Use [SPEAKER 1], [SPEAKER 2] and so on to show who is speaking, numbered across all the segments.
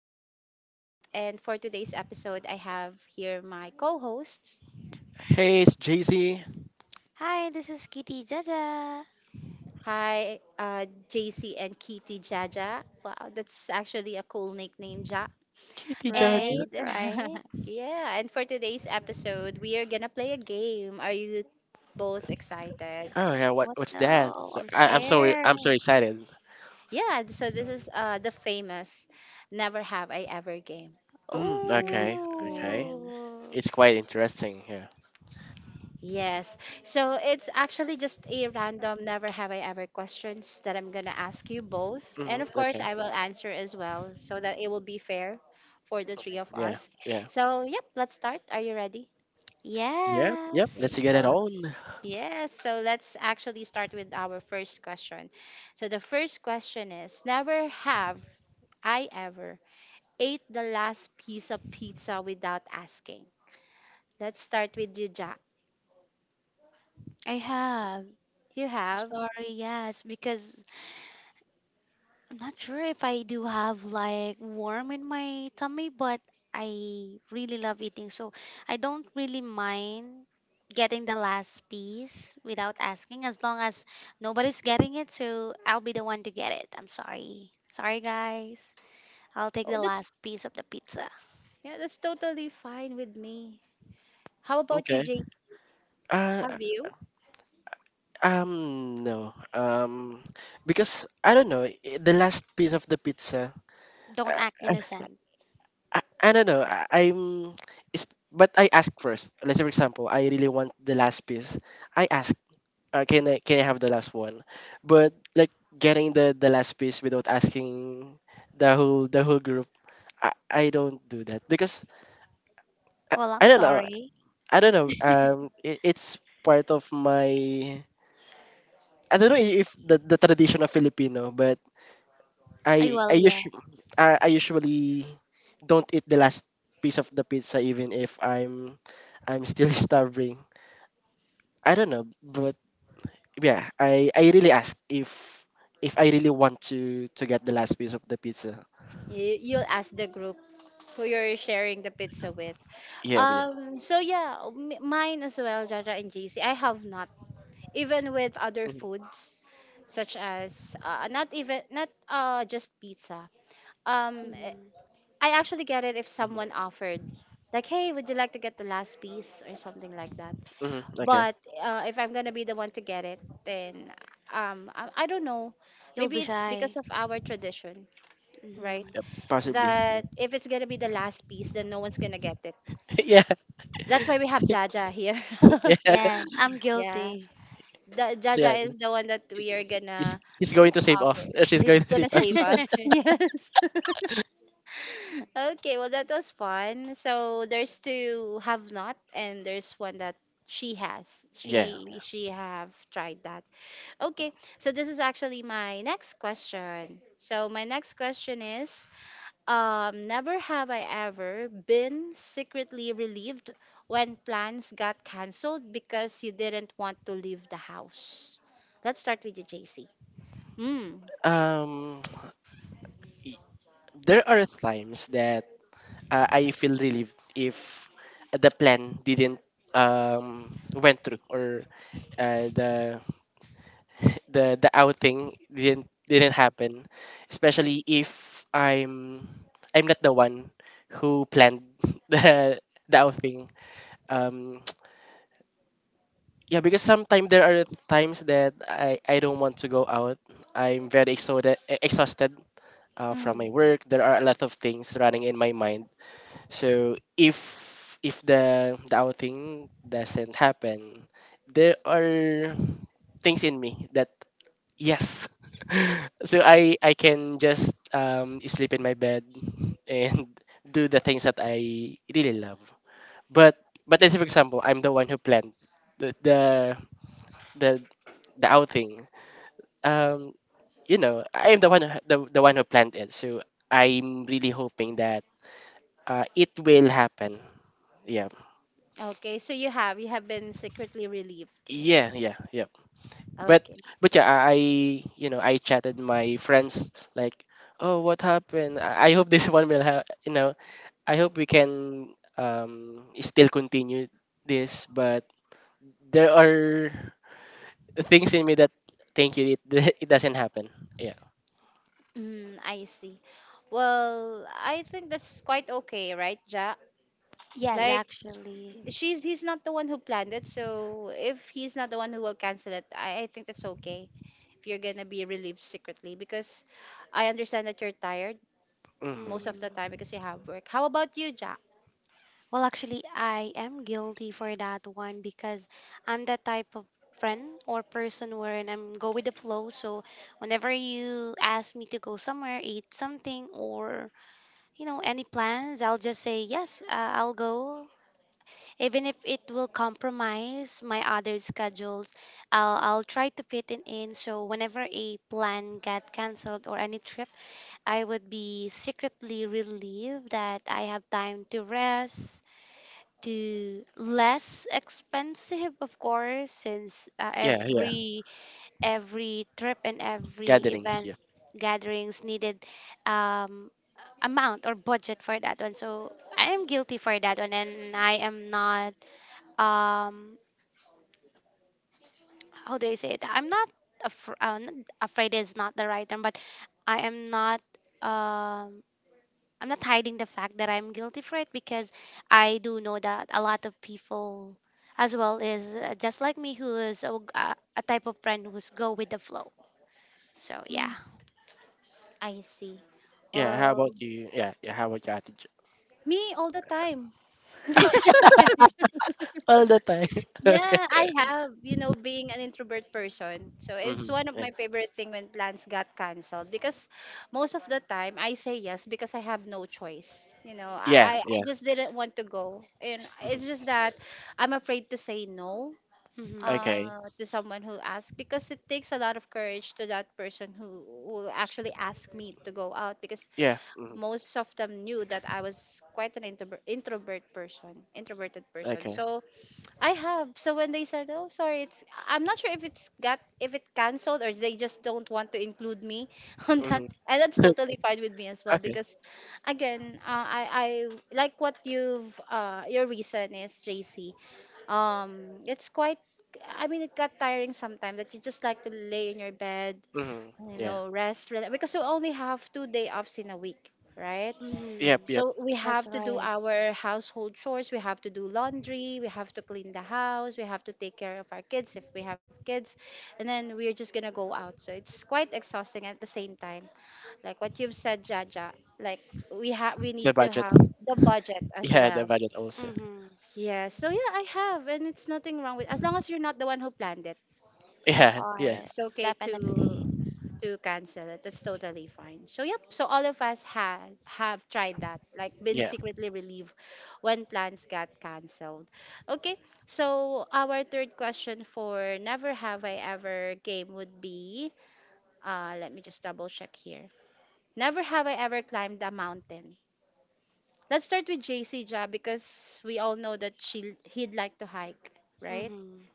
[SPEAKER 1] again, Kat. And for today's episode, I have here my co hosts.
[SPEAKER 2] Hey, it's Jay Z.
[SPEAKER 3] Hi, this is Kitty Jaja.
[SPEAKER 1] Hi, JC and Kitty Jaja. Wow, that's actually a cool nickname, Ja.
[SPEAKER 2] Kitty Judge.
[SPEAKER 1] And
[SPEAKER 3] Right, right.
[SPEAKER 1] yeah, and for today's episode, we are gonna play a game. Are you both excited?
[SPEAKER 2] Oh yeah, what
[SPEAKER 3] What?
[SPEAKER 2] what's that?
[SPEAKER 3] No, I'm
[SPEAKER 2] I'm so
[SPEAKER 3] scared.
[SPEAKER 2] excited.
[SPEAKER 1] Yeah, so this is the famous Never Have I Ever game.
[SPEAKER 2] Mm, okay, okay.
[SPEAKER 1] Ooh.
[SPEAKER 3] Oh,
[SPEAKER 2] It's quite interesting here.
[SPEAKER 1] Yes. So it's actually just a random never have I ever questions that I'm going to ask you both. And of course,
[SPEAKER 2] Okay.
[SPEAKER 1] I will answer as well so that it will be fair for the three of
[SPEAKER 2] Yeah,
[SPEAKER 1] us.
[SPEAKER 2] yeah,
[SPEAKER 1] So, yep, let's start. Are you ready?
[SPEAKER 2] yeah, yep.
[SPEAKER 3] yes.
[SPEAKER 2] Let's
[SPEAKER 1] Okay.
[SPEAKER 2] get it
[SPEAKER 1] So,
[SPEAKER 2] on.
[SPEAKER 1] yes. So let's actually start with our first question. So the first question is never have I ever ate the last piece of pizza without asking. Let's start with you, Jack.
[SPEAKER 3] I have.
[SPEAKER 1] You have?
[SPEAKER 3] Sorry, yes, because I'm not sure if I do have like worm in my tummy, but I really love eating. So I don't really mind getting the last piece without asking as long as nobody's getting it. So I'll be the one to get it. I'm sorry. Sorry, guys. I'll take
[SPEAKER 1] Oh,
[SPEAKER 3] the
[SPEAKER 1] that's.
[SPEAKER 3] last piece of the pizza.
[SPEAKER 1] Yeah, that's totally fine with me. How about you,
[SPEAKER 2] Okay.
[SPEAKER 1] Jay?
[SPEAKER 2] Uh,
[SPEAKER 1] Have you?
[SPEAKER 2] no. Because I don't know. The last piece of the pizza.
[SPEAKER 3] Don't act
[SPEAKER 2] Uh,
[SPEAKER 3] innocent.
[SPEAKER 2] I don't know. It's, but I ask first. Let's say, for example, I really want the last piece. I ask, can I, can I have the last one? But like getting the last piece without asking the whole group, I don't do that because I,
[SPEAKER 3] Well,
[SPEAKER 2] I
[SPEAKER 3] I'm
[SPEAKER 2] don't know
[SPEAKER 3] sorry.
[SPEAKER 2] I don't know, it, it's part of my, I don't know, if the tradition of Filipino, but
[SPEAKER 3] I
[SPEAKER 2] I
[SPEAKER 3] will, yeah.
[SPEAKER 2] usually, I usually don't eat the last piece of the pizza even if I'm still starving. I don't know, but yeah, I really ask if I really want to get the last piece of the pizza.
[SPEAKER 1] You'll ask the group who you're sharing the pizza with.
[SPEAKER 2] Yeah, yeah.
[SPEAKER 1] So yeah, mine as well, Jaja and JC. I have not, even with other
[SPEAKER 2] hmm
[SPEAKER 1] foods such as not even not just pizza. Um, eh,
[SPEAKER 3] Hmm.
[SPEAKER 1] I actually get it if someone
[SPEAKER 2] hmm
[SPEAKER 1] offered, like, hey, would you like to get the last piece or something like that.
[SPEAKER 2] Okay.
[SPEAKER 1] But if I'm gonna be the one to get it, then I don't know.
[SPEAKER 3] You'll be
[SPEAKER 1] Maybe it's because
[SPEAKER 3] shy.
[SPEAKER 1] of our tradition, right?
[SPEAKER 2] Yep.
[SPEAKER 3] Hmm.
[SPEAKER 2] Possibly.
[SPEAKER 1] That if it's gonna be the last piece, then no one's gonna get it.
[SPEAKER 2] Yeah.
[SPEAKER 1] That's why we have Jaja here.
[SPEAKER 2] Yeah.
[SPEAKER 3] Yes, I'm
[SPEAKER 1] Yeah,
[SPEAKER 3] guilty.
[SPEAKER 1] the
[SPEAKER 2] So yeah,
[SPEAKER 1] Jaja is the one that we are
[SPEAKER 2] he-
[SPEAKER 1] gonna
[SPEAKER 2] he's going to save
[SPEAKER 1] offer.
[SPEAKER 2] us. She's going
[SPEAKER 1] It's
[SPEAKER 2] to
[SPEAKER 1] gonna
[SPEAKER 2] save us.
[SPEAKER 1] save us. Yes. Okay, well, that was fun. So there's two have not, and there's one that she has.
[SPEAKER 2] Yeah.
[SPEAKER 1] She have tried that. Okay, so this is actually my next question. So my next question is, never have I ever been secretly relieved when plans got cancelled because you didn't want to leave the house. Let's start with you, JC. Mm.
[SPEAKER 2] Um, y- there are times that, I feel relieved if the plan didn't, went through, or uh, the the outing didn't happen, especially if I'm not the one who planned the the outing. Um, yeah, because sometimes there are times that I don't want to go out. I'm very exhausted exhausted, from
[SPEAKER 1] Mm.
[SPEAKER 2] my work. There are a lot of things running in my mind. So if the outing doesn't happen, there are things in me that, yes, so I can just sleep in my bed and do the things that I really love. But but let's say, for example, I'm the one who planned the the the, the outing. Um, you know, I'm the one who planned it. So I'm really hoping that, it will happen. Yeah.
[SPEAKER 1] Okay, so you have been secretly relieved.
[SPEAKER 2] Yeah, yeah, yeah. But
[SPEAKER 1] Okay.
[SPEAKER 2] but yeah, you know, I chatted my friends like, oh, what happened? I hope this one will, have you know I hope we can, still continue this, but there are things in me that, thank you, it, it doesn't happen. Yeah.
[SPEAKER 1] Mm, I see. Well, I think that's quite okay, right, Ja?
[SPEAKER 3] Yes,
[SPEAKER 1] Like
[SPEAKER 3] actually.
[SPEAKER 1] she's he's not the one who planned it, so if he's not the one who will cancel it, I think that's okay. If you're gonna be relieved secretly, because I understand that you're tired most of
[SPEAKER 2] hmm
[SPEAKER 1] the time
[SPEAKER 3] Mhm.
[SPEAKER 1] because you have work. How about you, Jack?
[SPEAKER 3] Well, actually, I am guilty for that one because I'm that type of friend or person wherein I'm go with the flow. So whenever you ask me to go somewhere, eat something, or you know any plans, I'll just say yes. I'll go, even if it will compromise my other schedules. I'll try to fit it in. So whenever a plan get cancelled or any trip, I would be secretly relieved that I have time to rest to less expensive of course since
[SPEAKER 2] Yeah, yeah.
[SPEAKER 3] every trip and every
[SPEAKER 2] Gatherings.
[SPEAKER 3] event
[SPEAKER 2] Yeah.
[SPEAKER 3] gatherings needed um amount or budget for that one so I am guilty for that one and I am not um how do I say it, I'm not afraid is not the right term but I am not um I'm not hiding the fact that I'm guilty for it because I do know that a lot of people as well is just like me who is a type of friend who's go with the flow. So yeah.
[SPEAKER 1] Mm. I see.
[SPEAKER 2] Yeah. How about
[SPEAKER 1] Well,
[SPEAKER 2] you? Yeah. Yeah. How about your attitude?
[SPEAKER 1] me all the time.
[SPEAKER 2] All the time. Okay.
[SPEAKER 1] Yeah, I have, you know, being an introvert person. So it's one
[SPEAKER 2] hmm
[SPEAKER 1] of my favorite thing when plans got canceled because most of the time I say yes because I have no choice. You know,
[SPEAKER 2] Yeah.
[SPEAKER 1] I, I
[SPEAKER 2] Yeah.
[SPEAKER 1] just didn't want to go. And it's
[SPEAKER 2] hmm
[SPEAKER 1] just that I'm afraid to say no
[SPEAKER 3] Mm-hmm.
[SPEAKER 2] Okay.
[SPEAKER 1] to someone who asks because it takes a lot of courage to that person who will actually ask me to go out because
[SPEAKER 2] Yeah.
[SPEAKER 1] most of them knew that I was quite an introvert person, introverted person.
[SPEAKER 2] Okay.
[SPEAKER 1] So I have. So when they said, "Oh, sorry, it's," I'm not sure if it's got if it canceled or they just don't want to include me on that,
[SPEAKER 2] hmm
[SPEAKER 1] and that's totally fine with me as well
[SPEAKER 2] okay.
[SPEAKER 1] because, again, I like what you've your reason is, JC. It's quite. I mean, it got tiring sometimes that you just like to lay in your bed, you
[SPEAKER 2] Yeah.
[SPEAKER 1] know, rest, relax, because you only have two-day offs in a week, right?
[SPEAKER 3] Mm-hmm.
[SPEAKER 2] Yep. Yep.
[SPEAKER 1] So we have
[SPEAKER 3] That's
[SPEAKER 1] to do
[SPEAKER 3] right.
[SPEAKER 1] our household chores, we have to do laundry, we have to clean the house, we have to take care of our kids if we have kids, and then we're just gonna go out. So it's quite exhausting at the same time. Like what you've said, Jaja, like we
[SPEAKER 2] The
[SPEAKER 1] need to
[SPEAKER 2] budget.
[SPEAKER 1] have the budget as
[SPEAKER 2] Yeah. The
[SPEAKER 1] well.
[SPEAKER 2] budget also.
[SPEAKER 3] Mm-hmm.
[SPEAKER 1] Yeah, so yeah, I have, and it's nothing wrong with as long as you're not the one who planned it.
[SPEAKER 3] Of
[SPEAKER 2] Yeah. Yeah.
[SPEAKER 1] It's
[SPEAKER 3] course.
[SPEAKER 1] okay
[SPEAKER 3] Definitely.
[SPEAKER 1] to cancel it. That's totally fine. So yep. So all of us had have tried that, like been
[SPEAKER 2] Yeah.
[SPEAKER 1] secretly relieved when plans got canceled. Okay. So our third question for never have I ever game would be, let me just double check here. Never have I ever climbed a mountain. Let's start with JC Ja because we all know that she he'd like to hike, right?
[SPEAKER 3] Mm-hmm.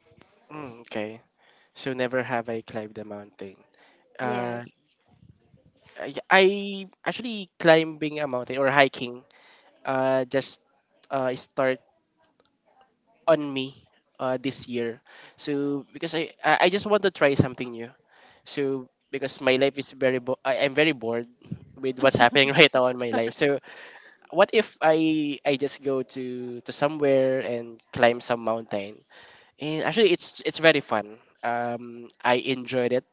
[SPEAKER 2] Mm, okay. So, never have I climbed a mountain. Uh,
[SPEAKER 1] Yes.
[SPEAKER 2] I actually, climbing a mountain or hiking, just, start on me, this year. So because I just want to try something new. So because my life is very I'm very bored with what's happening right now in my life. So what if I just go to somewhere and climb some mountain? And actually it's very fun. I enjoyed it,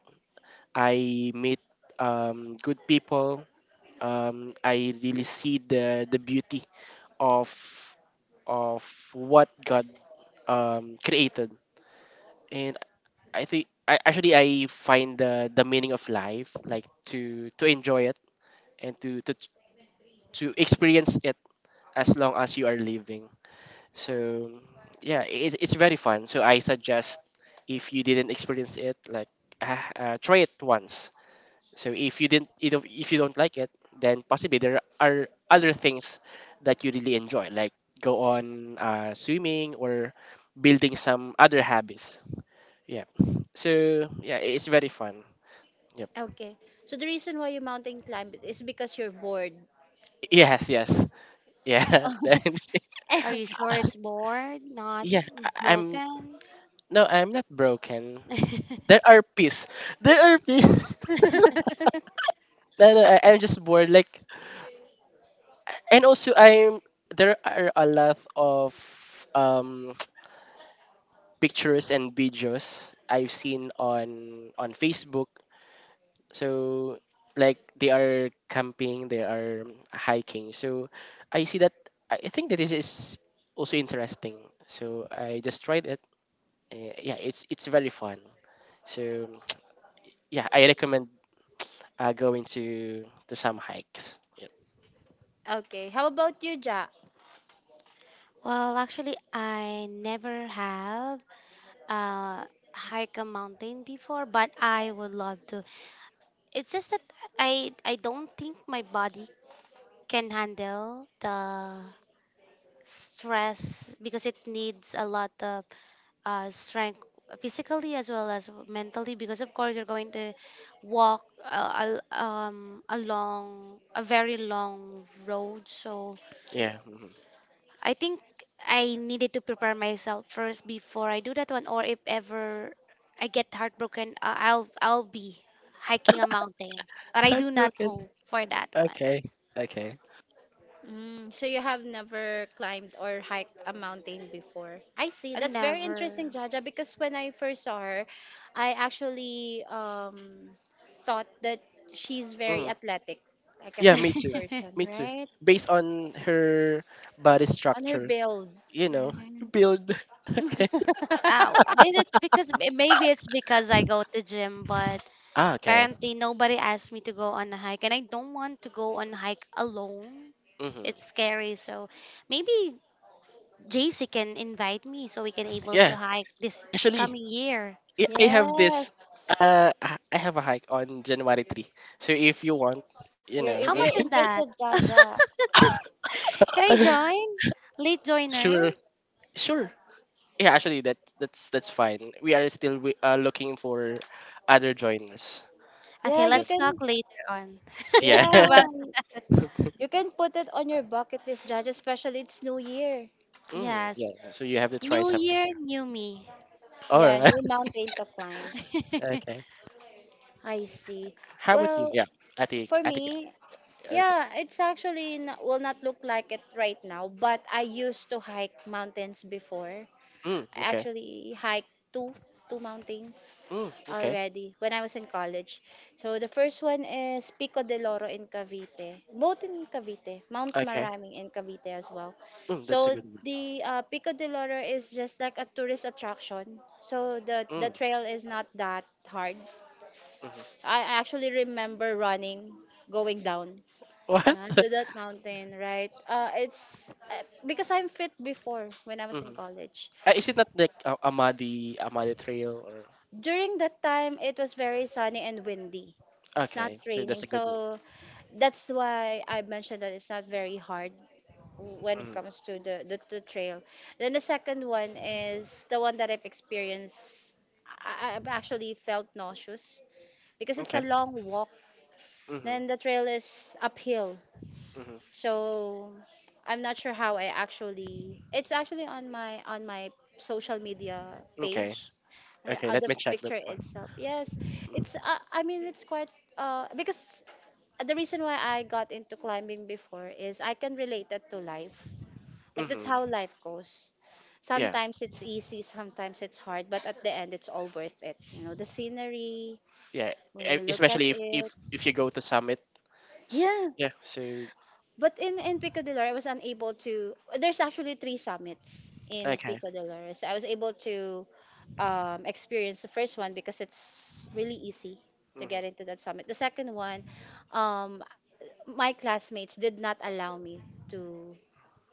[SPEAKER 2] I meet, good people. I really see the beauty of of what God, created, and I think, I find the meaning of life, like to enjoy it and to experience it as long as you are living. So yeah, it, it's very fun. So I suggest, if you didn't experience it, like, ah, try it once. So if you didn't you don't- if you don't like it, then possibly there are other things that you really enjoy, like go on, swimming or building some other habits. Yeah. So yeah, it's very fun. Yep.
[SPEAKER 1] Okay. So the reason why you mountain climb is because you're bored.
[SPEAKER 2] Yes, yes. Yeah. Then
[SPEAKER 3] Are you sure it's bored, not
[SPEAKER 2] yeah, I'm,
[SPEAKER 3] broken?
[SPEAKER 2] no, I'm not broken. There are peace. There are peace. No, no, I, I'm just bored. Like, and also I'm there are a lot of, um pictures and videos I've seen on Facebook. So like they are camping, they are hiking. So I see that, I think that this is also interesting. So I just tried it. Yeah, it's very fun. So yeah, I recommend, going to some hikes. Yep.
[SPEAKER 1] Okay. How about you, Ja?
[SPEAKER 3] Well, actually, I never have uh hike a mountain before, but I would love to. It's just that I don't think my body can handle the stress because it needs a lot of strength physically as well as mentally because of course you're going to walk along a very long road, so
[SPEAKER 2] Yeah. Mhm.
[SPEAKER 3] I think I needed to prepare myself first before I do that one, or if ever I get heartbroken, I'll be hiking a mountain, but I do not
[SPEAKER 2] Heartbroken.
[SPEAKER 3] hope for that one.
[SPEAKER 2] Okay. Okay.
[SPEAKER 1] Mm, so you have never climbed or hiked a mountain before. I see. That's very interesting,
[SPEAKER 3] Never.
[SPEAKER 1] Jaja, because when I first saw her, I actually thought that she's very
[SPEAKER 2] Mm.
[SPEAKER 1] athletic, like a
[SPEAKER 2] Yeah,
[SPEAKER 1] fit
[SPEAKER 2] me too.
[SPEAKER 1] person,
[SPEAKER 2] Me too.
[SPEAKER 1] right?
[SPEAKER 2] Based on her body
[SPEAKER 1] On her
[SPEAKER 2] structure.
[SPEAKER 1] build.
[SPEAKER 2] You know,
[SPEAKER 1] Right.
[SPEAKER 2] build. Okay.
[SPEAKER 3] Oh, I mean it's because maybe it's because I go to gym, but
[SPEAKER 2] Ah, okay.
[SPEAKER 3] apparently nobody asked me to go on a hike, and I don't want to go on a hike alone.
[SPEAKER 2] hmm
[SPEAKER 3] It's scary, so maybe JC can invite me so we can able to
[SPEAKER 2] Yeah.
[SPEAKER 3] hike this
[SPEAKER 2] Actually,
[SPEAKER 3] coming year.
[SPEAKER 2] I have this.
[SPEAKER 1] Yes.
[SPEAKER 2] I have a hike on January 3. So if you want, you
[SPEAKER 1] You're
[SPEAKER 2] know,
[SPEAKER 1] if
[SPEAKER 2] we
[SPEAKER 3] How
[SPEAKER 1] you're
[SPEAKER 3] much is
[SPEAKER 2] can-
[SPEAKER 1] interested,
[SPEAKER 3] that?
[SPEAKER 1] Jaja.
[SPEAKER 3] Can I join? Late
[SPEAKER 2] Sure,
[SPEAKER 3] joiner?
[SPEAKER 2] sure. Yeah, actually, that's fine. We are still looking for other joiners.
[SPEAKER 3] Okay,
[SPEAKER 1] Yeah, you
[SPEAKER 2] So
[SPEAKER 3] let's talk
[SPEAKER 1] can.
[SPEAKER 3] later on
[SPEAKER 2] yeah,
[SPEAKER 1] Yeah,
[SPEAKER 3] about
[SPEAKER 1] you can put it on your bucket list, Judge, especially it's New Year.
[SPEAKER 2] mm,
[SPEAKER 3] yes,
[SPEAKER 2] yeah. So you have to try
[SPEAKER 3] new
[SPEAKER 2] something.
[SPEAKER 3] year, new me.
[SPEAKER 2] All
[SPEAKER 1] Yeah,
[SPEAKER 2] right.
[SPEAKER 1] new mountain to climb.
[SPEAKER 2] Okay.
[SPEAKER 1] I see.
[SPEAKER 2] How about you?
[SPEAKER 1] Well,
[SPEAKER 2] Yeah. Attic.
[SPEAKER 1] for
[SPEAKER 2] Attic.
[SPEAKER 1] me,
[SPEAKER 2] Okay.
[SPEAKER 1] yeah, it's actually not, will not look like it right now, but I used to hike mountains before.
[SPEAKER 2] Mm, okay.
[SPEAKER 1] Actually hiked two mountains
[SPEAKER 2] Mm, okay.
[SPEAKER 1] already when I was in college. So the first one is Pico de Loro in Cavite, both in Cavite, Mount
[SPEAKER 2] Okay.
[SPEAKER 1] Maraming in Cavite as well.
[SPEAKER 2] Mm, that's a
[SPEAKER 1] So
[SPEAKER 2] good one.
[SPEAKER 1] the Pico de Loro is just like a tourist attraction. So the
[SPEAKER 2] Mm,
[SPEAKER 1] trail is not that hard.
[SPEAKER 2] mhm.
[SPEAKER 1] I actually remember running going down
[SPEAKER 2] What?
[SPEAKER 1] to that mountain, right? It's Because I'm fit before when I was in
[SPEAKER 2] Mhm.
[SPEAKER 1] college.
[SPEAKER 2] Ah, is it not like, Amadi Trail, or
[SPEAKER 1] During that time it was very sunny and windy, it's not
[SPEAKER 2] okay? So
[SPEAKER 1] raining,
[SPEAKER 2] that's a good one.
[SPEAKER 1] so that's why I mentioned that it's not very hard when it
[SPEAKER 2] hmm
[SPEAKER 1] comes to the trail. Then the second one is the one that I've experienced. I've actually felt nauseous because it's a
[SPEAKER 2] Okay.
[SPEAKER 1] long walk,
[SPEAKER 2] hmm
[SPEAKER 1] then the trail is uphill.
[SPEAKER 2] hmm
[SPEAKER 1] So I'm not sure how I actually, it's actually on my social media
[SPEAKER 2] Okay.
[SPEAKER 1] page or
[SPEAKER 2] Okay.
[SPEAKER 1] out
[SPEAKER 2] Let
[SPEAKER 1] the
[SPEAKER 2] me check that
[SPEAKER 1] picture
[SPEAKER 2] one.
[SPEAKER 1] itself. Yes, it's.
[SPEAKER 2] Mm-hmm.
[SPEAKER 1] I mean, it's quite. Because the reason why I got into climbing before is I can relate that to life. Like that's
[SPEAKER 2] Mm-hmm.
[SPEAKER 1] how life goes.
[SPEAKER 2] Yeah.
[SPEAKER 1] Sometimes it's easy, sometimes it's hard, but at the end, it's all worth it. You know, the scenery
[SPEAKER 2] Yeah.
[SPEAKER 1] when you look at
[SPEAKER 2] Especially if if
[SPEAKER 1] it.
[SPEAKER 2] if you go to Summit. S-
[SPEAKER 1] Yeah,
[SPEAKER 2] Yeah. So
[SPEAKER 1] but in Pico del Oro, I was unable to. There's actually three summits in
[SPEAKER 2] okay.
[SPEAKER 1] Pico del Oro, so I was able to experience the first one because it's really easy to get
[SPEAKER 2] Mm-hmm.
[SPEAKER 1] into that summit. The second one, um, my classmates did not allow me to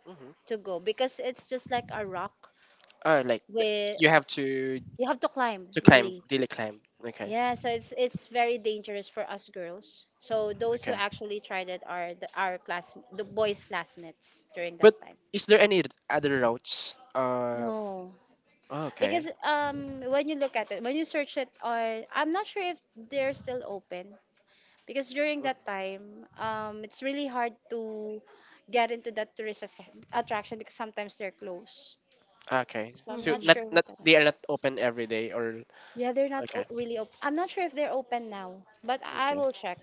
[SPEAKER 2] Mm-hmm.
[SPEAKER 1] go because it's just like a rock
[SPEAKER 2] Oh, like
[SPEAKER 1] with.
[SPEAKER 2] you have to
[SPEAKER 1] You have to climb,
[SPEAKER 2] to climb,
[SPEAKER 1] really.
[SPEAKER 2] daily climb. Okay.
[SPEAKER 1] Yeah, so it's very dangerous for us girls. So those who
[SPEAKER 2] Okay.
[SPEAKER 1] actually tried it are the, our class, the boys classmates during that
[SPEAKER 2] But
[SPEAKER 1] time.
[SPEAKER 2] is there any other routes?
[SPEAKER 1] No,
[SPEAKER 2] Okay.
[SPEAKER 1] because when you look at it, when you search it, or I'm not sure if they're still open because during
[SPEAKER 2] Mm,
[SPEAKER 1] that time it's really hard to get into that tourist attraction because sometimes they're closed.
[SPEAKER 2] okay.
[SPEAKER 1] So I'm
[SPEAKER 2] So
[SPEAKER 1] not
[SPEAKER 3] Hmm.
[SPEAKER 2] not,
[SPEAKER 1] sure
[SPEAKER 2] not
[SPEAKER 1] what happened.
[SPEAKER 2] they are not open every day, or
[SPEAKER 1] Yeah, they're not
[SPEAKER 2] okay.
[SPEAKER 1] o- really open. I'm not sure if they're open now, but I
[SPEAKER 2] Okay.
[SPEAKER 1] will check.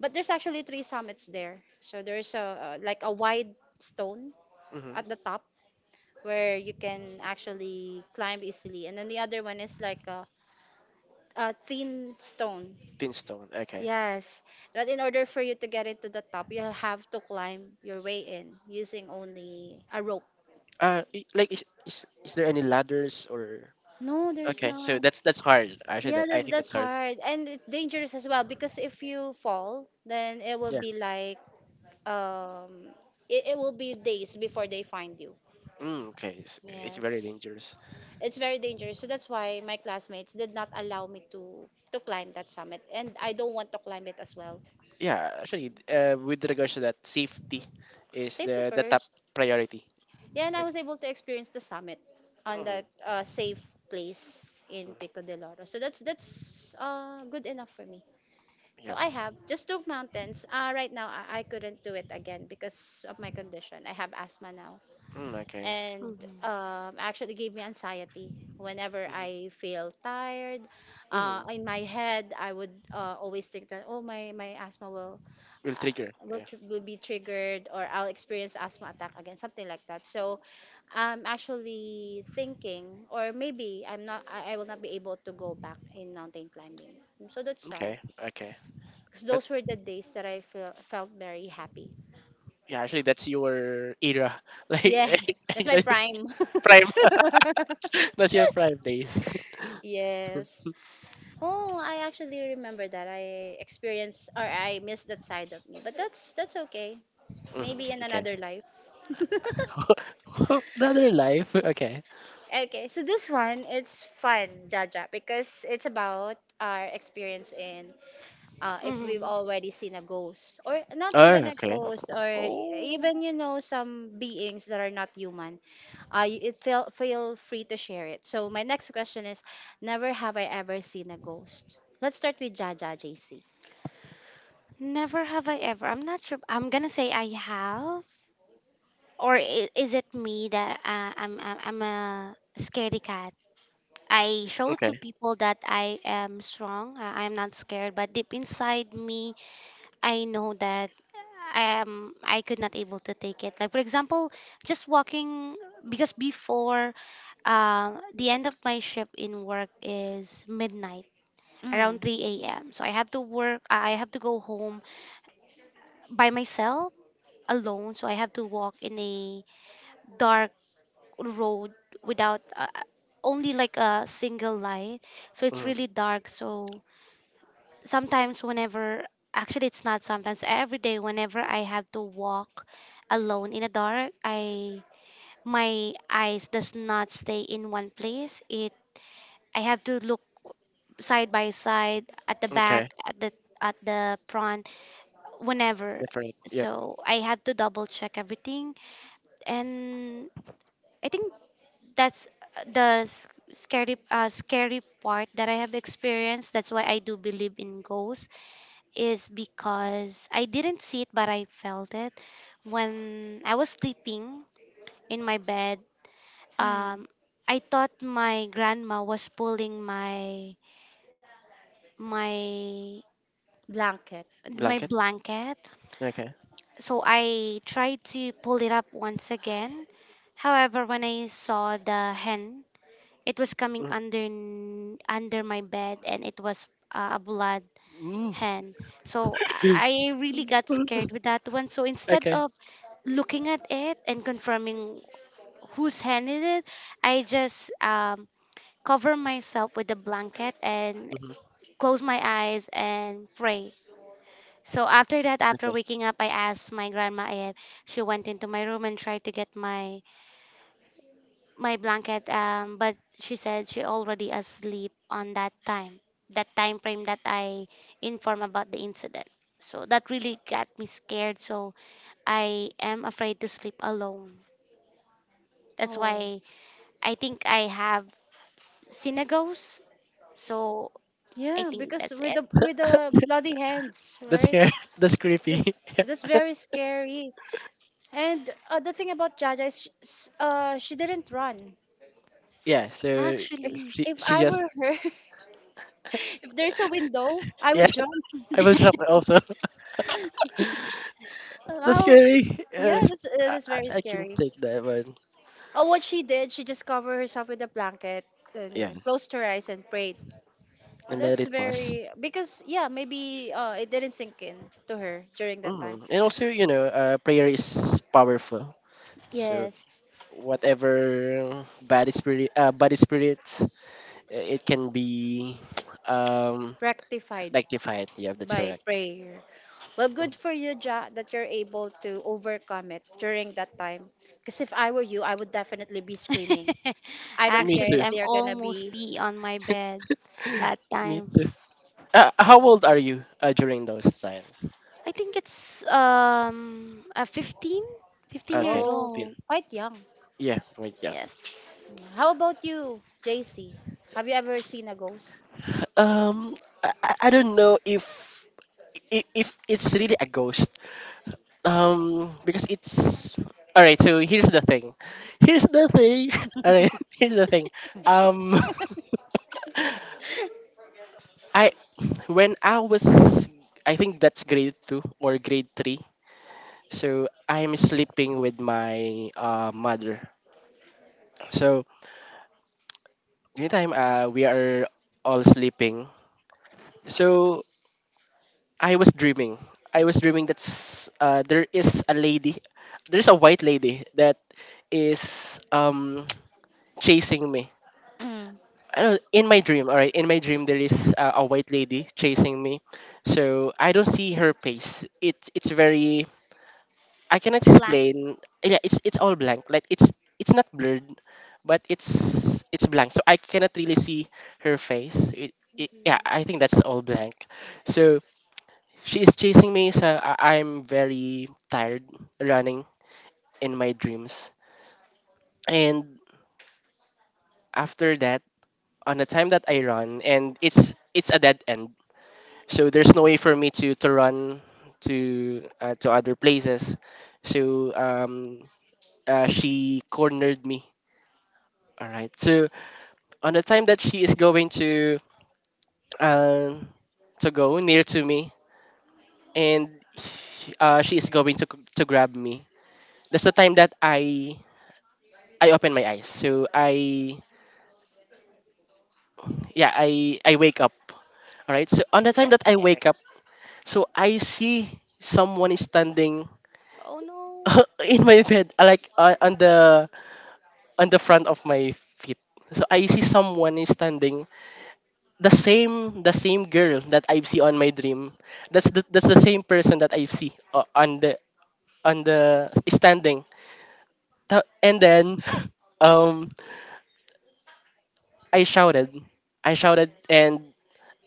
[SPEAKER 1] But there's actually three summits there, so there's a like a wide stone
[SPEAKER 2] Mm-hmm.
[SPEAKER 1] at the top where you can actually climb easily, and then the other one is like a thin stone.
[SPEAKER 2] Pinstone. Okay.
[SPEAKER 1] Yes, but in order for you to get it to the top, you'll have to climb your way in using only a rope.
[SPEAKER 2] Like is there any ladders or
[SPEAKER 1] No, there's
[SPEAKER 2] okay? So
[SPEAKER 1] not.
[SPEAKER 2] that's hard. Actually,
[SPEAKER 1] Yeah,
[SPEAKER 2] that, I think
[SPEAKER 1] that's
[SPEAKER 2] that's hard.
[SPEAKER 1] hard, and it's dangerous as well because if you fall, then it will
[SPEAKER 2] Yeah.
[SPEAKER 1] be like um it will be days before they find you.
[SPEAKER 2] Mm, okay. It's very
[SPEAKER 1] Yes.
[SPEAKER 2] dangerous.
[SPEAKER 1] It's very dangerous. So that's why my classmates did not allow me to climb that summit, and I don't want to climb it as well.
[SPEAKER 2] Yeah. Actually, with regards to that, safety is
[SPEAKER 1] Safety
[SPEAKER 2] the top
[SPEAKER 1] first.
[SPEAKER 2] priority.
[SPEAKER 1] Yeah, and I
[SPEAKER 2] Okay.
[SPEAKER 1] was able to experience the summit on
[SPEAKER 2] Mm,
[SPEAKER 1] that safe place in
[SPEAKER 2] mm,
[SPEAKER 1] Pico de Loro. So that's good enough for me. So
[SPEAKER 2] yep.
[SPEAKER 1] I have just two mountains. Right now, I couldn't do it again because of my condition. I have asthma now,
[SPEAKER 2] Mm, okay.
[SPEAKER 1] and
[SPEAKER 3] Hmm.
[SPEAKER 1] actually gave me anxiety. Whenever
[SPEAKER 2] Mhm.
[SPEAKER 1] I feel tired,
[SPEAKER 2] Mhm.
[SPEAKER 1] in my head, I would always think that oh my my asthma will
[SPEAKER 2] Will trigger. Yeah.
[SPEAKER 1] will be triggered or I'll experience asthma attack again, something like that. So I'm actually thinking, or maybe I'm not, I will not be able to go back in mountain climbing. So that's sad
[SPEAKER 2] Okay. Okay.
[SPEAKER 1] because
[SPEAKER 2] But
[SPEAKER 1] those were the days that felt very happy.
[SPEAKER 2] yeah, actually, that's your era. Like
[SPEAKER 1] Yeah, that's my
[SPEAKER 2] that's
[SPEAKER 1] prime.
[SPEAKER 2] prime. That's your prime days.
[SPEAKER 1] Yes. Oh, I actually remember that. I experienced or I missed that side of me. But that's okay. Maybe in
[SPEAKER 2] Okay.
[SPEAKER 1] another life.
[SPEAKER 2] Another life. Okay.
[SPEAKER 1] Okay, so this one it's fun, Jaja, because it's about our experience in if we've
[SPEAKER 3] Mm-hmm.
[SPEAKER 1] already seen a ghost or not
[SPEAKER 2] Oh,
[SPEAKER 1] even a
[SPEAKER 2] okay.
[SPEAKER 1] ghost or
[SPEAKER 3] Oh,
[SPEAKER 1] even some beings that are not human. It feel free to share it. So my next question is, never have I ever seen a ghost. Let's start with Jaja JC.
[SPEAKER 3] never have I ever. I'm not sure. I'm gonna say I have, or is it me that I'm a scaredy cat? I show
[SPEAKER 2] Okay.
[SPEAKER 3] to people that I am strong. I am not scared, but deep inside me, I know that I am. I could not able to take it. Like for example, just walking because before, the end of my shift in work is midnight, around
[SPEAKER 1] Mm.
[SPEAKER 3] 3 a.m. So I have to work, I have to go home by myself alone, so I have to walk in a dark road without only like a single light, so it's
[SPEAKER 2] hmm
[SPEAKER 3] really dark, so sometimes whenever actually it's not sometimes, every day whenever I have to walk alone in the dark, I, my eyes does not stay in one place, it, I have to look side by side, at the back,
[SPEAKER 2] Okay.
[SPEAKER 3] at the front, whenever,
[SPEAKER 2] Different. Yep.
[SPEAKER 3] so I have to double check everything. And I think that's the scary part that I have experienced. That's why I do believe in ghosts, is because I didn't see it but I felt it when I was sleeping in my bed.
[SPEAKER 1] Mm.
[SPEAKER 3] Um, I thought my grandma was pulling my my
[SPEAKER 1] Blanket.
[SPEAKER 3] my
[SPEAKER 2] Blanket.
[SPEAKER 3] blanket,
[SPEAKER 2] Okay.
[SPEAKER 3] so I tried to pull it up once again. However, when I saw the hand, it was coming
[SPEAKER 2] Mhm.
[SPEAKER 3] under my bed, and it was a blood
[SPEAKER 2] Ooh.
[SPEAKER 3] hand. So I really got scared with that one. So instead
[SPEAKER 2] Okay.
[SPEAKER 3] of looking at it and confirming whose hand it is, I just cover myself with a blanket and
[SPEAKER 2] hmm
[SPEAKER 3] close my eyes and pray. So after that, after
[SPEAKER 2] Okay.
[SPEAKER 3] waking up, I asked my grandma if she went into my room and tried to get my my blanket, but she said she already asleep on that time, that time frame that I inform about the incident. So that really got me scared, so I am afraid to sleep alone, that's
[SPEAKER 1] Oh
[SPEAKER 3] why I think I have seen a ghost. So I
[SPEAKER 1] yeah,
[SPEAKER 3] think
[SPEAKER 1] because
[SPEAKER 3] that's
[SPEAKER 1] with
[SPEAKER 3] it
[SPEAKER 1] the with the bloody hands,
[SPEAKER 2] That's
[SPEAKER 1] right?
[SPEAKER 2] scary. That's
[SPEAKER 1] That's
[SPEAKER 2] creepy.
[SPEAKER 1] that's very scary. And the thing about Jaja is, she didn't run.
[SPEAKER 2] Yeah. So
[SPEAKER 1] If
[SPEAKER 3] actually.
[SPEAKER 2] she
[SPEAKER 1] if
[SPEAKER 2] she
[SPEAKER 1] I
[SPEAKER 2] just
[SPEAKER 1] were her, if there's a window, I
[SPEAKER 2] yeah.
[SPEAKER 1] would jump.
[SPEAKER 2] I will drop also.
[SPEAKER 1] Uh,
[SPEAKER 2] That's
[SPEAKER 1] How?
[SPEAKER 2] scary. uh,
[SPEAKER 1] Yeah, that's very
[SPEAKER 2] I can
[SPEAKER 1] scary.
[SPEAKER 2] take that one.
[SPEAKER 1] Oh, what she did, she just covered herself with a blanket
[SPEAKER 2] Yeah,
[SPEAKER 1] and closed her eyes and prayed.
[SPEAKER 2] and let
[SPEAKER 1] That's
[SPEAKER 2] it pass.
[SPEAKER 1] very because yeah, maybe it didn't sink in to her during that time.
[SPEAKER 2] Mm. And also, you know, prayer is powerful. So
[SPEAKER 1] Yes,
[SPEAKER 2] whatever bad spirits, it can be um
[SPEAKER 1] rectified
[SPEAKER 2] rectified. Yeah, that's
[SPEAKER 1] by
[SPEAKER 2] correct.
[SPEAKER 1] prayer. Well, good
[SPEAKER 2] Mm.
[SPEAKER 1] for you, Ja, that you're able to overcome it during that time. Because if I were you, I would definitely be screaming. I don't
[SPEAKER 2] Me
[SPEAKER 1] care if
[SPEAKER 3] Actually,
[SPEAKER 2] too.
[SPEAKER 3] I'm
[SPEAKER 1] they're gonna
[SPEAKER 3] almost
[SPEAKER 1] be,
[SPEAKER 3] pee on my bed that
[SPEAKER 2] Me
[SPEAKER 3] time.
[SPEAKER 2] too. How old are you, during those times?
[SPEAKER 3] I think it's a fifteen
[SPEAKER 2] Okay,
[SPEAKER 3] years
[SPEAKER 1] oh,
[SPEAKER 2] 15.
[SPEAKER 3] old.
[SPEAKER 1] quite young.
[SPEAKER 2] Yeah, wait, yeah.
[SPEAKER 3] Yes.
[SPEAKER 1] How about you, JC? Have you ever seen a ghost?
[SPEAKER 2] Um, I don't know if it's really a ghost. Because it's all right. So here's the thing. Here's the thing. All right. Here's the thing. Um, I, when I was, I think that's grade two or grade three. So I'm sleeping with my, mother. So anytime, we are all sleeping. So I was dreaming. I was dreaming that, there is a lady. There's a white lady that is, chasing me.
[SPEAKER 1] Mm.
[SPEAKER 2] I don't, in my dream, all right, in my dream there is, a white lady chasing me. So I don't see her face. It's very, I cannot
[SPEAKER 3] Blank.
[SPEAKER 2] explain. Yeah, it's all blank. Like it's not blurred, but it's blank. So I cannot really see her face. It, yeah,
[SPEAKER 3] Mm-hmm.
[SPEAKER 2] I think that's all blank. So she is chasing me. So I, I'm very tired running in my dreams. And after that, on the time that I run, and it's a dead end, so there's no way for me to run to, to other places, so, she cornered me, all right, so on the time that she is going to, um to go near to me and, she is going to grab me, that's the time that, I open my eyes, so I yeah, I wake up. All right, so on the time that
[SPEAKER 3] That's
[SPEAKER 2] I
[SPEAKER 3] scary.
[SPEAKER 2] wake up, so I see someone is standing
[SPEAKER 3] Oh no.
[SPEAKER 2] in my bed, like, on the, on the front of my feet. So I see someone is standing, the same, the same girl that I see on my dream. That's the same person that I see, on the, on the standing. And then um I shouted. I shouted and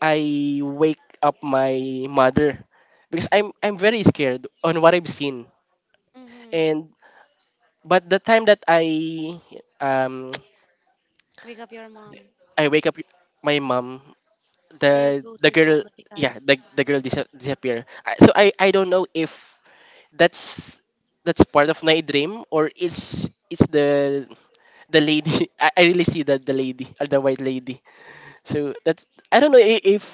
[SPEAKER 2] I wake up my mother because I'm very scared on what I've seen.
[SPEAKER 3] Mm-hmm.
[SPEAKER 2] And but the time that I, um
[SPEAKER 3] Wake up your mom.
[SPEAKER 2] I wake up my mom,
[SPEAKER 3] The
[SPEAKER 2] the
[SPEAKER 3] ghost
[SPEAKER 2] the
[SPEAKER 3] is
[SPEAKER 2] girl,
[SPEAKER 3] already gone.
[SPEAKER 2] yeah, the girl disappear. So, I don't know if that's, that's part of my dream or it's the lady. I really see that the lady or the white lady, so that's, I don't know, if,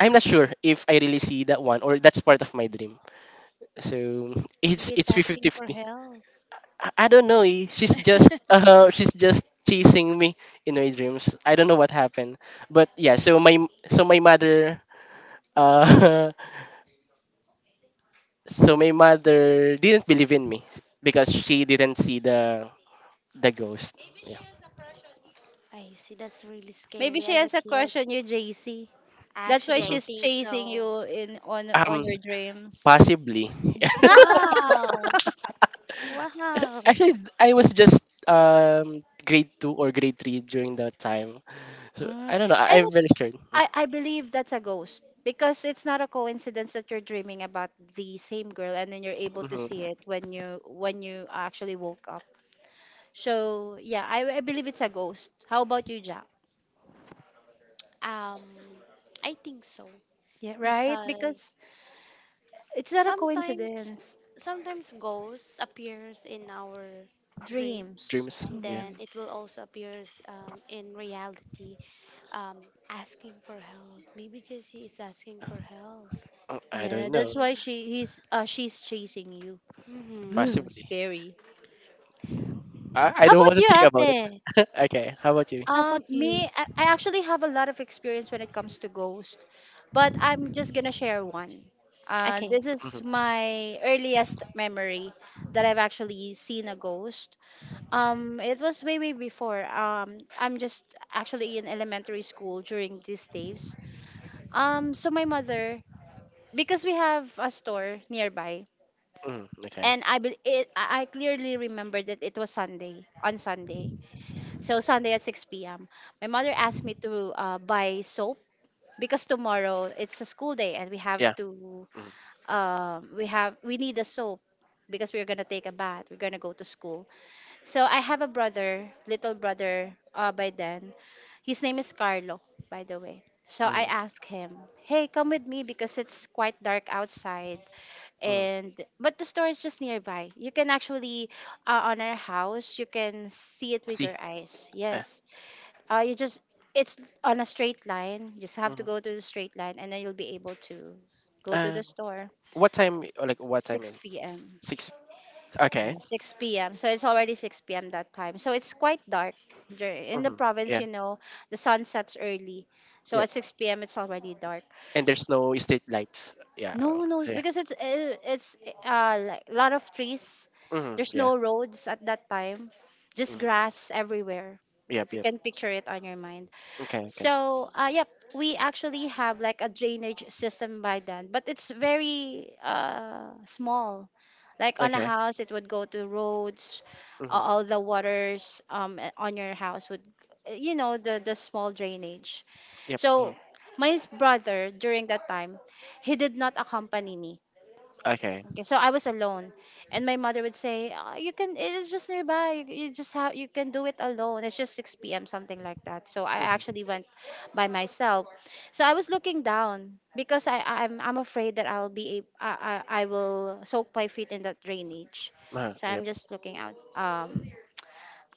[SPEAKER 2] I'm not sure if I really see that one or that's part of my dream. So
[SPEAKER 3] Maybe it's
[SPEAKER 2] it's 50
[SPEAKER 3] asking for
[SPEAKER 2] fifty.
[SPEAKER 3] help.
[SPEAKER 2] I don't know, she's just she's just chasing me in my dreams. I don't know what happened. But yeah, so my mother, uh, so my mother didn't believe in me because she didn't see the ghost. Yeah.
[SPEAKER 3] I see. That's really
[SPEAKER 1] Maybe
[SPEAKER 3] scary
[SPEAKER 1] she
[SPEAKER 3] as a
[SPEAKER 1] has a
[SPEAKER 3] kid.
[SPEAKER 1] crush on you, JC. That's why
[SPEAKER 3] Actually, I
[SPEAKER 2] Mhm.
[SPEAKER 1] she's
[SPEAKER 3] think
[SPEAKER 1] chasing
[SPEAKER 3] so.
[SPEAKER 1] you in on
[SPEAKER 2] Um,
[SPEAKER 1] your dreams.
[SPEAKER 2] possibly.
[SPEAKER 3] Wow. Wow.
[SPEAKER 2] Actually, I was just, grade two or grade three during that time. So
[SPEAKER 1] Mm.
[SPEAKER 2] I don't know. I,
[SPEAKER 1] And
[SPEAKER 2] I'm very scared.
[SPEAKER 1] I believe that's a ghost because it's not a coincidence that you're dreaming about the same girl and then you're able to
[SPEAKER 2] Mm-hmm.
[SPEAKER 1] see it when you actually woke up. So yeah, I believe it's a ghost. How about you, Jack?
[SPEAKER 3] Um, I think so
[SPEAKER 1] Yeah, right?
[SPEAKER 3] because
[SPEAKER 1] Because it's not a
[SPEAKER 3] sometimes
[SPEAKER 1] coincidence.
[SPEAKER 3] sometimes ghosts appears in our dream
[SPEAKER 1] Dreams.
[SPEAKER 2] Dreams.
[SPEAKER 3] and
[SPEAKER 2] Yeah.
[SPEAKER 1] Hmm.
[SPEAKER 3] then it will also appears in reality um, asking for help. Maybe Jessie is asking for help.
[SPEAKER 2] I
[SPEAKER 1] Yeah,
[SPEAKER 2] don't
[SPEAKER 1] that's
[SPEAKER 2] know.
[SPEAKER 1] why
[SPEAKER 3] Maybe.
[SPEAKER 1] she's chasing you.
[SPEAKER 3] Hmm.
[SPEAKER 2] Possibly.
[SPEAKER 1] Scary.
[SPEAKER 2] I
[SPEAKER 3] How
[SPEAKER 2] don't
[SPEAKER 3] about
[SPEAKER 2] want to
[SPEAKER 3] you,
[SPEAKER 2] think about
[SPEAKER 3] Ate?
[SPEAKER 2] it. Okay. How about you?
[SPEAKER 3] How
[SPEAKER 1] Um,
[SPEAKER 3] about
[SPEAKER 1] me,
[SPEAKER 3] you?
[SPEAKER 1] I actually have a lot of experience when it comes to ghost, but I'm just gonna share one. Uh,
[SPEAKER 3] Okay.
[SPEAKER 1] this is
[SPEAKER 2] hmm
[SPEAKER 1] my earliest memory that I've actually seen a ghost. It was way, way before. I'm just actually in elementary school during these days. So my mother, because we have a store nearby,
[SPEAKER 2] Okay.
[SPEAKER 1] and I clearly remember that it was Sunday, on Sunday. So Sunday at 6 p.m. My mother asked me to buy soap because tomorrow it's a school day and we have
[SPEAKER 2] Yeah.
[SPEAKER 1] to we have we need a soap because we're gonna take a bath. We're gonna go to school. So I have a brother, little brother. By then, his name is Carlo, by the way. So
[SPEAKER 2] Mm-hmm.
[SPEAKER 1] I
[SPEAKER 2] Mm-hmm.
[SPEAKER 1] asked him, "Hey, come with me because it's quite dark outside,
[SPEAKER 2] Mm-hmm.
[SPEAKER 1] and but the store is just nearby. You can actually, on our house, you can see it with
[SPEAKER 2] See.
[SPEAKER 1] your eyes.
[SPEAKER 2] Uh,
[SPEAKER 1] Yes, you just it's on a straight line. You just have to
[SPEAKER 2] mhm.
[SPEAKER 1] go to the straight line, and then you'll be able to go to
[SPEAKER 2] Uh,
[SPEAKER 1] the store."
[SPEAKER 2] what time? Like what time is?
[SPEAKER 1] 6 p.m.
[SPEAKER 2] Six. Okay.
[SPEAKER 1] Yeah, 6 p.m. So it's already 6 p.m. that time. So it's quite dark. In the
[SPEAKER 2] hmm
[SPEAKER 1] province,
[SPEAKER 2] Yeah.
[SPEAKER 1] the sun sets early. So
[SPEAKER 2] Yep.
[SPEAKER 1] at 6 p.m. it's already dark.
[SPEAKER 2] And there's
[SPEAKER 1] S-
[SPEAKER 2] no street lights. Yeah. Uh,
[SPEAKER 1] No, no,
[SPEAKER 2] yeah.
[SPEAKER 1] because it's like a lot of trees. There's
[SPEAKER 2] Yeah.
[SPEAKER 1] no roads at that time. Just
[SPEAKER 2] hmm
[SPEAKER 1] grass everywhere.
[SPEAKER 2] Yep.
[SPEAKER 1] If you
[SPEAKER 2] Yep.
[SPEAKER 1] can picture it on your mind.
[SPEAKER 2] Okay. Okay.
[SPEAKER 1] So, yep, we actually have like a drainage system by then, but it's very small. Like on a
[SPEAKER 2] Okay.
[SPEAKER 1] house, it would go to roads. a-
[SPEAKER 2] hmm
[SPEAKER 1] All the waters, on your house would, the small drainage.
[SPEAKER 2] Yep.
[SPEAKER 1] So, my brother during that time, he did not accompany me.
[SPEAKER 2] Okay.
[SPEAKER 1] Okay, so I was alone, and my mother would say, "Ah, you can. It's just nearby. You just have. You can do it alone. It's just 6 p.m., something like that." So I
[SPEAKER 2] hmm
[SPEAKER 1] actually went by myself. So I was looking down because I'm afraid that I'll be a- I will soak my feet in that drainage. So I'm
[SPEAKER 2] Yep.
[SPEAKER 1] just looking out,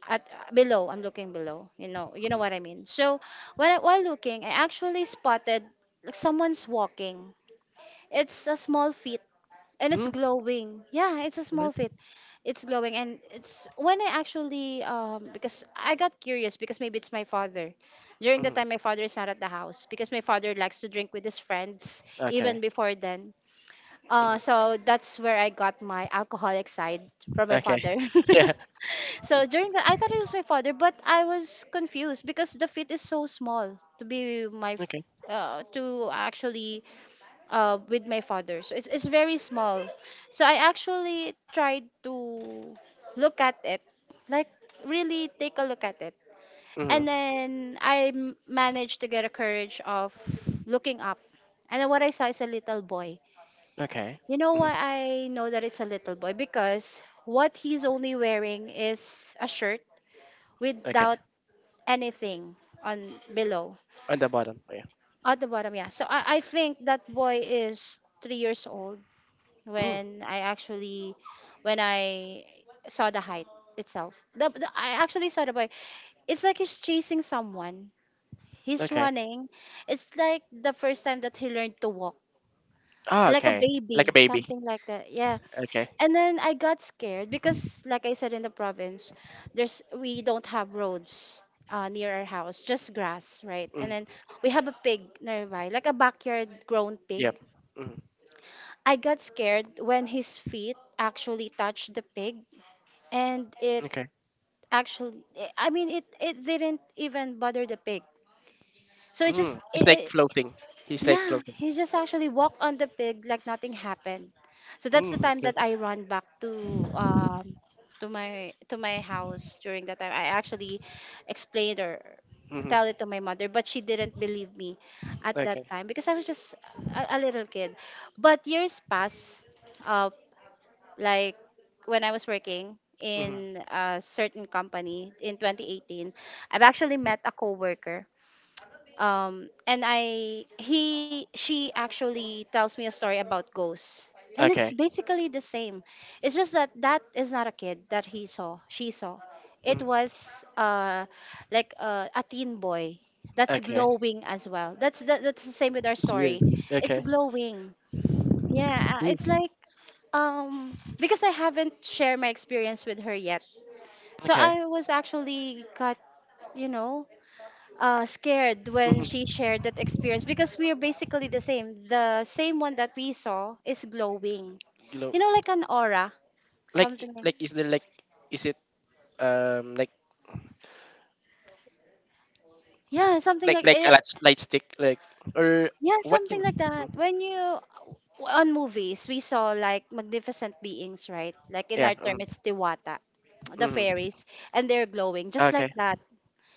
[SPEAKER 1] at below. I'm looking below. You know
[SPEAKER 2] hmm
[SPEAKER 1] what I mean. So while while looking, I actually spotted someone's walking. It's a small, and it's
[SPEAKER 2] hmm
[SPEAKER 1] glowing, yeah, it's a small fit. It's glowing, and it's when I actually, because I got curious, because maybe it's my father. During the
[SPEAKER 2] hmm
[SPEAKER 1] time, my father is not at the house because my father likes to drink with his friends, even
[SPEAKER 2] Okay.
[SPEAKER 1] before then.
[SPEAKER 2] hmm
[SPEAKER 1] So that's where I got my alcoholic side from my
[SPEAKER 2] Okay.
[SPEAKER 1] father.
[SPEAKER 2] Yeah.
[SPEAKER 1] So during that, I thought it was my father, but I was confused because the fit is so small to be my f-
[SPEAKER 2] Okay.
[SPEAKER 1] to actually with my father. So it's very small. So I actually tried to look at it, like really take a look at it.
[SPEAKER 2] hmm
[SPEAKER 1] And then I managed to get a courage of looking up. And then what I saw is a little boy.
[SPEAKER 2] Okay.
[SPEAKER 1] You know
[SPEAKER 2] hmm
[SPEAKER 1] why I know that it's a little boy? Because what he's only wearing is a shirt
[SPEAKER 2] Okay.
[SPEAKER 1] without anything on below
[SPEAKER 2] On the bottom. Yeah.
[SPEAKER 1] at the bottom. Yeah. So I think that boy is 3 years old
[SPEAKER 2] Mm.
[SPEAKER 1] when I actually when I saw the height itself. The I actually saw the boy. It's like he's chasing someone. He's
[SPEAKER 2] Okay.
[SPEAKER 1] running. It's like the first time that he learned to walk.
[SPEAKER 2] Ah,
[SPEAKER 1] Like a
[SPEAKER 2] okay. Like
[SPEAKER 1] baby,
[SPEAKER 2] a baby.
[SPEAKER 1] something like that. Yeah.
[SPEAKER 2] Okay.
[SPEAKER 1] And then I got scared
[SPEAKER 2] Mm.
[SPEAKER 1] because, like I said, in the province, there's we don't have roads near our house, just grass, right? And
[SPEAKER 2] Mm.
[SPEAKER 1] then we have a pig nearby, like a backyard grown pig.
[SPEAKER 2] Yep. Mm.
[SPEAKER 1] I got scared when his feet actually touched the pig, and it
[SPEAKER 2] Okay.
[SPEAKER 1] actually, I mean, it didn't even bother the pig. So it just,
[SPEAKER 2] Mm. It's like floating. He's like
[SPEAKER 1] yeah,
[SPEAKER 2] floating.
[SPEAKER 1] he just actually walked on the pig like nothing happened. So that's the
[SPEAKER 2] Mm.
[SPEAKER 1] time
[SPEAKER 2] Okay.
[SPEAKER 1] that I run back to, to my house. During that time, I actually explained or
[SPEAKER 2] Mhm.
[SPEAKER 1] tell it to my mother, but she didn't believe me at that
[SPEAKER 2] Okay.
[SPEAKER 1] time because I was just a little kid. But years pass. uh, like when I was working
[SPEAKER 2] hmm
[SPEAKER 1] in a certain company in 2018, I've actually met a coworker. And I he she actually tells me a story about ghosts. And
[SPEAKER 2] Okay.
[SPEAKER 1] it's basically the same. It's just that that is not a kid that he saw, she saw. It
[SPEAKER 2] Mm.
[SPEAKER 1] was like, a teen boy that's
[SPEAKER 2] Okay.
[SPEAKER 1] glowing as well. That's the same with our
[SPEAKER 2] It's weird.
[SPEAKER 1] story. It's
[SPEAKER 2] Okay.
[SPEAKER 1] glowing, yeah, it's
[SPEAKER 2] Mm.
[SPEAKER 1] like, um because I haven't shared my experience with her yet. So
[SPEAKER 2] Okay.
[SPEAKER 1] I was actually got, you know, scared when
[SPEAKER 2] hmm
[SPEAKER 1] she shared that experience because we are basically the same. The same one that we saw is glowing.
[SPEAKER 2] Glow.
[SPEAKER 1] You know, like an aura,
[SPEAKER 2] Like
[SPEAKER 1] something like.
[SPEAKER 2] like is there like, is it, um like
[SPEAKER 1] Yeah, something
[SPEAKER 2] like
[SPEAKER 1] like
[SPEAKER 2] like a light,
[SPEAKER 1] it.
[SPEAKER 2] light stick, like or
[SPEAKER 1] Yeah,
[SPEAKER 2] what can.
[SPEAKER 1] something like
[SPEAKER 2] Mhm.
[SPEAKER 1] that. When you, on movies, we saw like magnificent beings, right? Like in
[SPEAKER 2] Yeah,
[SPEAKER 1] our term it's Tiwata, the
[SPEAKER 2] mhm.
[SPEAKER 1] fairies, and they're glowing just
[SPEAKER 2] Okay,
[SPEAKER 1] like that,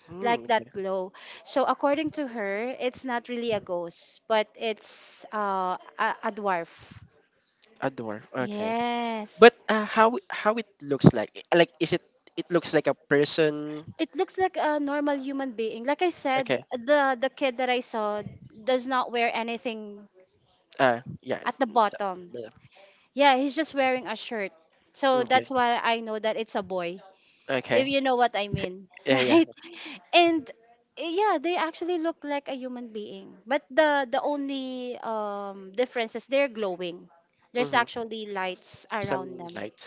[SPEAKER 2] mm,
[SPEAKER 1] like
[SPEAKER 2] okay,
[SPEAKER 1] that glow. So according to her, it's not really a ghost, but it's a dwarf.
[SPEAKER 2] a door okay. But,
[SPEAKER 1] Yes.
[SPEAKER 2] how it looks like is it, it looks like a person
[SPEAKER 1] It looks like a normal human being. Like I said,
[SPEAKER 2] okay,
[SPEAKER 1] the kid that I saw does not wear anything
[SPEAKER 2] yeah.
[SPEAKER 1] at the bottom.
[SPEAKER 2] Yeah.
[SPEAKER 1] Yeah, he's just wearing a shirt. So
[SPEAKER 2] Okay.
[SPEAKER 1] that's why I know that it's a boy. If
[SPEAKER 2] Okay.
[SPEAKER 1] you know what I mean,
[SPEAKER 2] Yeah. Yeah.
[SPEAKER 1] right? And yeah, they actually look like a human being. But the only difference is they're glowing. There's
[SPEAKER 2] Mm-hmm.
[SPEAKER 1] actually lights around
[SPEAKER 2] Some
[SPEAKER 1] them.
[SPEAKER 2] light.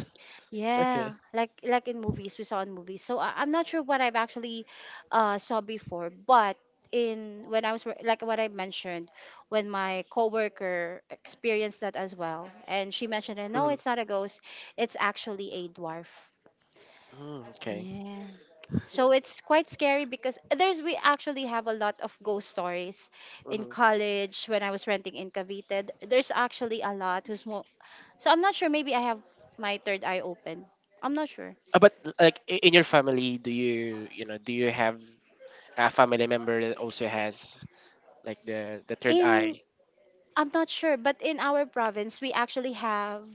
[SPEAKER 2] Okay.
[SPEAKER 1] Yeah, like in movies, we saw in movies. So I'm not sure what I've actually saw before, but in when I was like what I mentioned, when my coworker experienced that as well, and she mentioned that, "No, it's
[SPEAKER 2] Mm-hmm.
[SPEAKER 1] not a ghost. It's actually a dwarf."
[SPEAKER 2] Mm, okay.
[SPEAKER 1] Yeah. So it's quite scary because there's we actually have a lot of ghost stories in
[SPEAKER 2] Mm-hmm.
[SPEAKER 1] college when I was renting in Cavite. There's actually a lot who's so I'm not sure, maybe I have my third eye open. I'm not sure.
[SPEAKER 2] But like, in your family, do you, you know, do you have a family member that also has like the third
[SPEAKER 1] In
[SPEAKER 2] eye?
[SPEAKER 1] I'm not sure, but in our province we actually have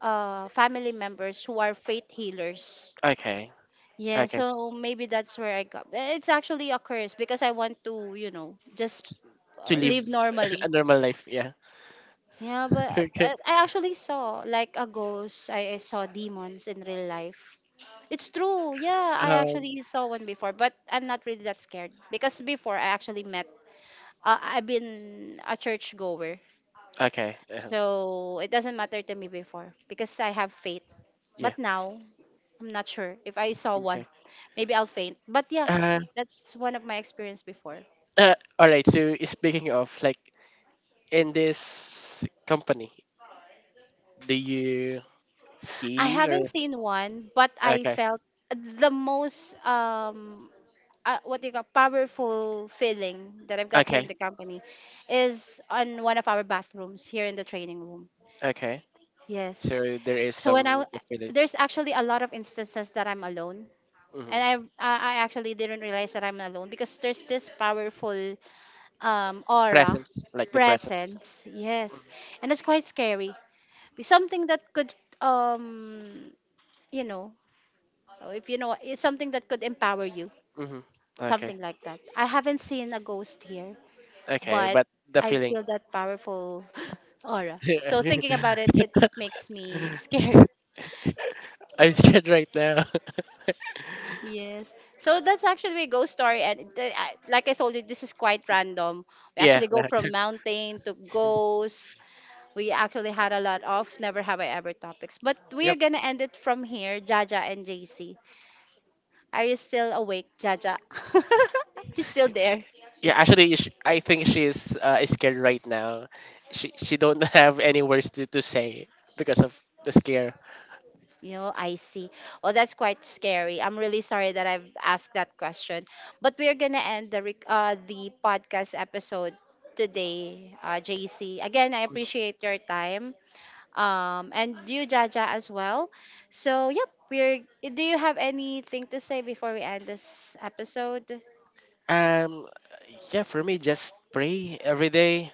[SPEAKER 1] family members who are faith healers.
[SPEAKER 2] Okay.
[SPEAKER 1] Yeah,
[SPEAKER 2] Okay.
[SPEAKER 1] so maybe that's where I got. It's actually a curse because I want to, just
[SPEAKER 2] To live
[SPEAKER 1] live normally.
[SPEAKER 2] a normal life. Yeah.
[SPEAKER 1] Yeah, but
[SPEAKER 2] Okay.
[SPEAKER 1] I actually saw like a ghost. I saw demons in real life. It's true. Yeah, I
[SPEAKER 2] Um.
[SPEAKER 1] actually saw one before, but I'm not really that scared because before I actually met. I've been a church goer,
[SPEAKER 2] Okay.
[SPEAKER 1] so it doesn't matter to me before because I have faith.
[SPEAKER 2] Yeah.
[SPEAKER 1] But now I'm not sure if I saw one.
[SPEAKER 2] Okay.
[SPEAKER 1] Maybe I'll faint. But yeah,
[SPEAKER 2] Uh,
[SPEAKER 1] that's one of my experience before.
[SPEAKER 2] All right. So speaking of like, in this company, do you
[SPEAKER 1] I
[SPEAKER 2] see or
[SPEAKER 1] haven't seen one, but I
[SPEAKER 2] okay?
[SPEAKER 1] felt the most, what do you call, powerful feeling that I've got here in
[SPEAKER 2] Okay.
[SPEAKER 1] the company is on one of our bathrooms here in the training room.
[SPEAKER 2] Okay.
[SPEAKER 1] Yes.
[SPEAKER 2] So there is
[SPEAKER 1] So when
[SPEAKER 2] some
[SPEAKER 1] I
[SPEAKER 2] the feeling,
[SPEAKER 1] there's actually a lot of instances that I'm alone. And
[SPEAKER 2] hmm
[SPEAKER 1] I actually didn't realize that I'm alone because there's this powerful, aura,
[SPEAKER 2] presence, like the presence.
[SPEAKER 1] presence, yes, and it's quite scary. Be Something that could, um, you know, if you know, it's something that could empower you,
[SPEAKER 2] Mm-hmm. Okay.
[SPEAKER 1] something like that. I haven't seen a ghost here,
[SPEAKER 2] Okay.
[SPEAKER 1] but
[SPEAKER 2] But the
[SPEAKER 1] I
[SPEAKER 2] feeling.
[SPEAKER 1] feel that powerful aura. So thinking about it, it makes me scared.
[SPEAKER 2] I'm scared right now.
[SPEAKER 1] Yes. So that's actually a ghost story, and like I told you, this is quite random. We
[SPEAKER 2] Yeah,
[SPEAKER 1] actually go from mountain to ghosts. We actually had a lot of never have I ever topics, but we are
[SPEAKER 2] yep.
[SPEAKER 1] gonna end it from here. Jaja and JC, are you still awake, Jaja? You still there?
[SPEAKER 2] Yeah. Actually, sh I think she's, scared right now. She don't have any words to say because of the scare.
[SPEAKER 1] You know, I see. Oh, that's quite scary. I'm really sorry that I've asked that question. But we're gonna end the the podcast episode today, JC. Again, I appreciate your time. And you, Jaja, as well. So, yep. We're. Do you have anything to say before we end this episode?
[SPEAKER 2] Um. Yeah. For me, just pray every day,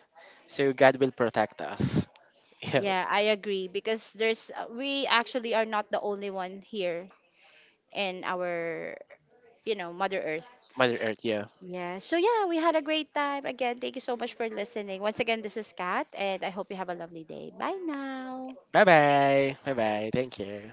[SPEAKER 2] so God will protect us. Yeah.
[SPEAKER 1] Yeah, I agree because there's we actually are not the only one here in our, Mother Earth.
[SPEAKER 2] Mother Earth. Yeah.
[SPEAKER 1] Yeah. So yeah, we had a great time. Again, thank you so much for listening. Once again, this is Kat, and I hope you have a lovely day. Bye now.
[SPEAKER 2] Bye bye. Bye bye. Thank you.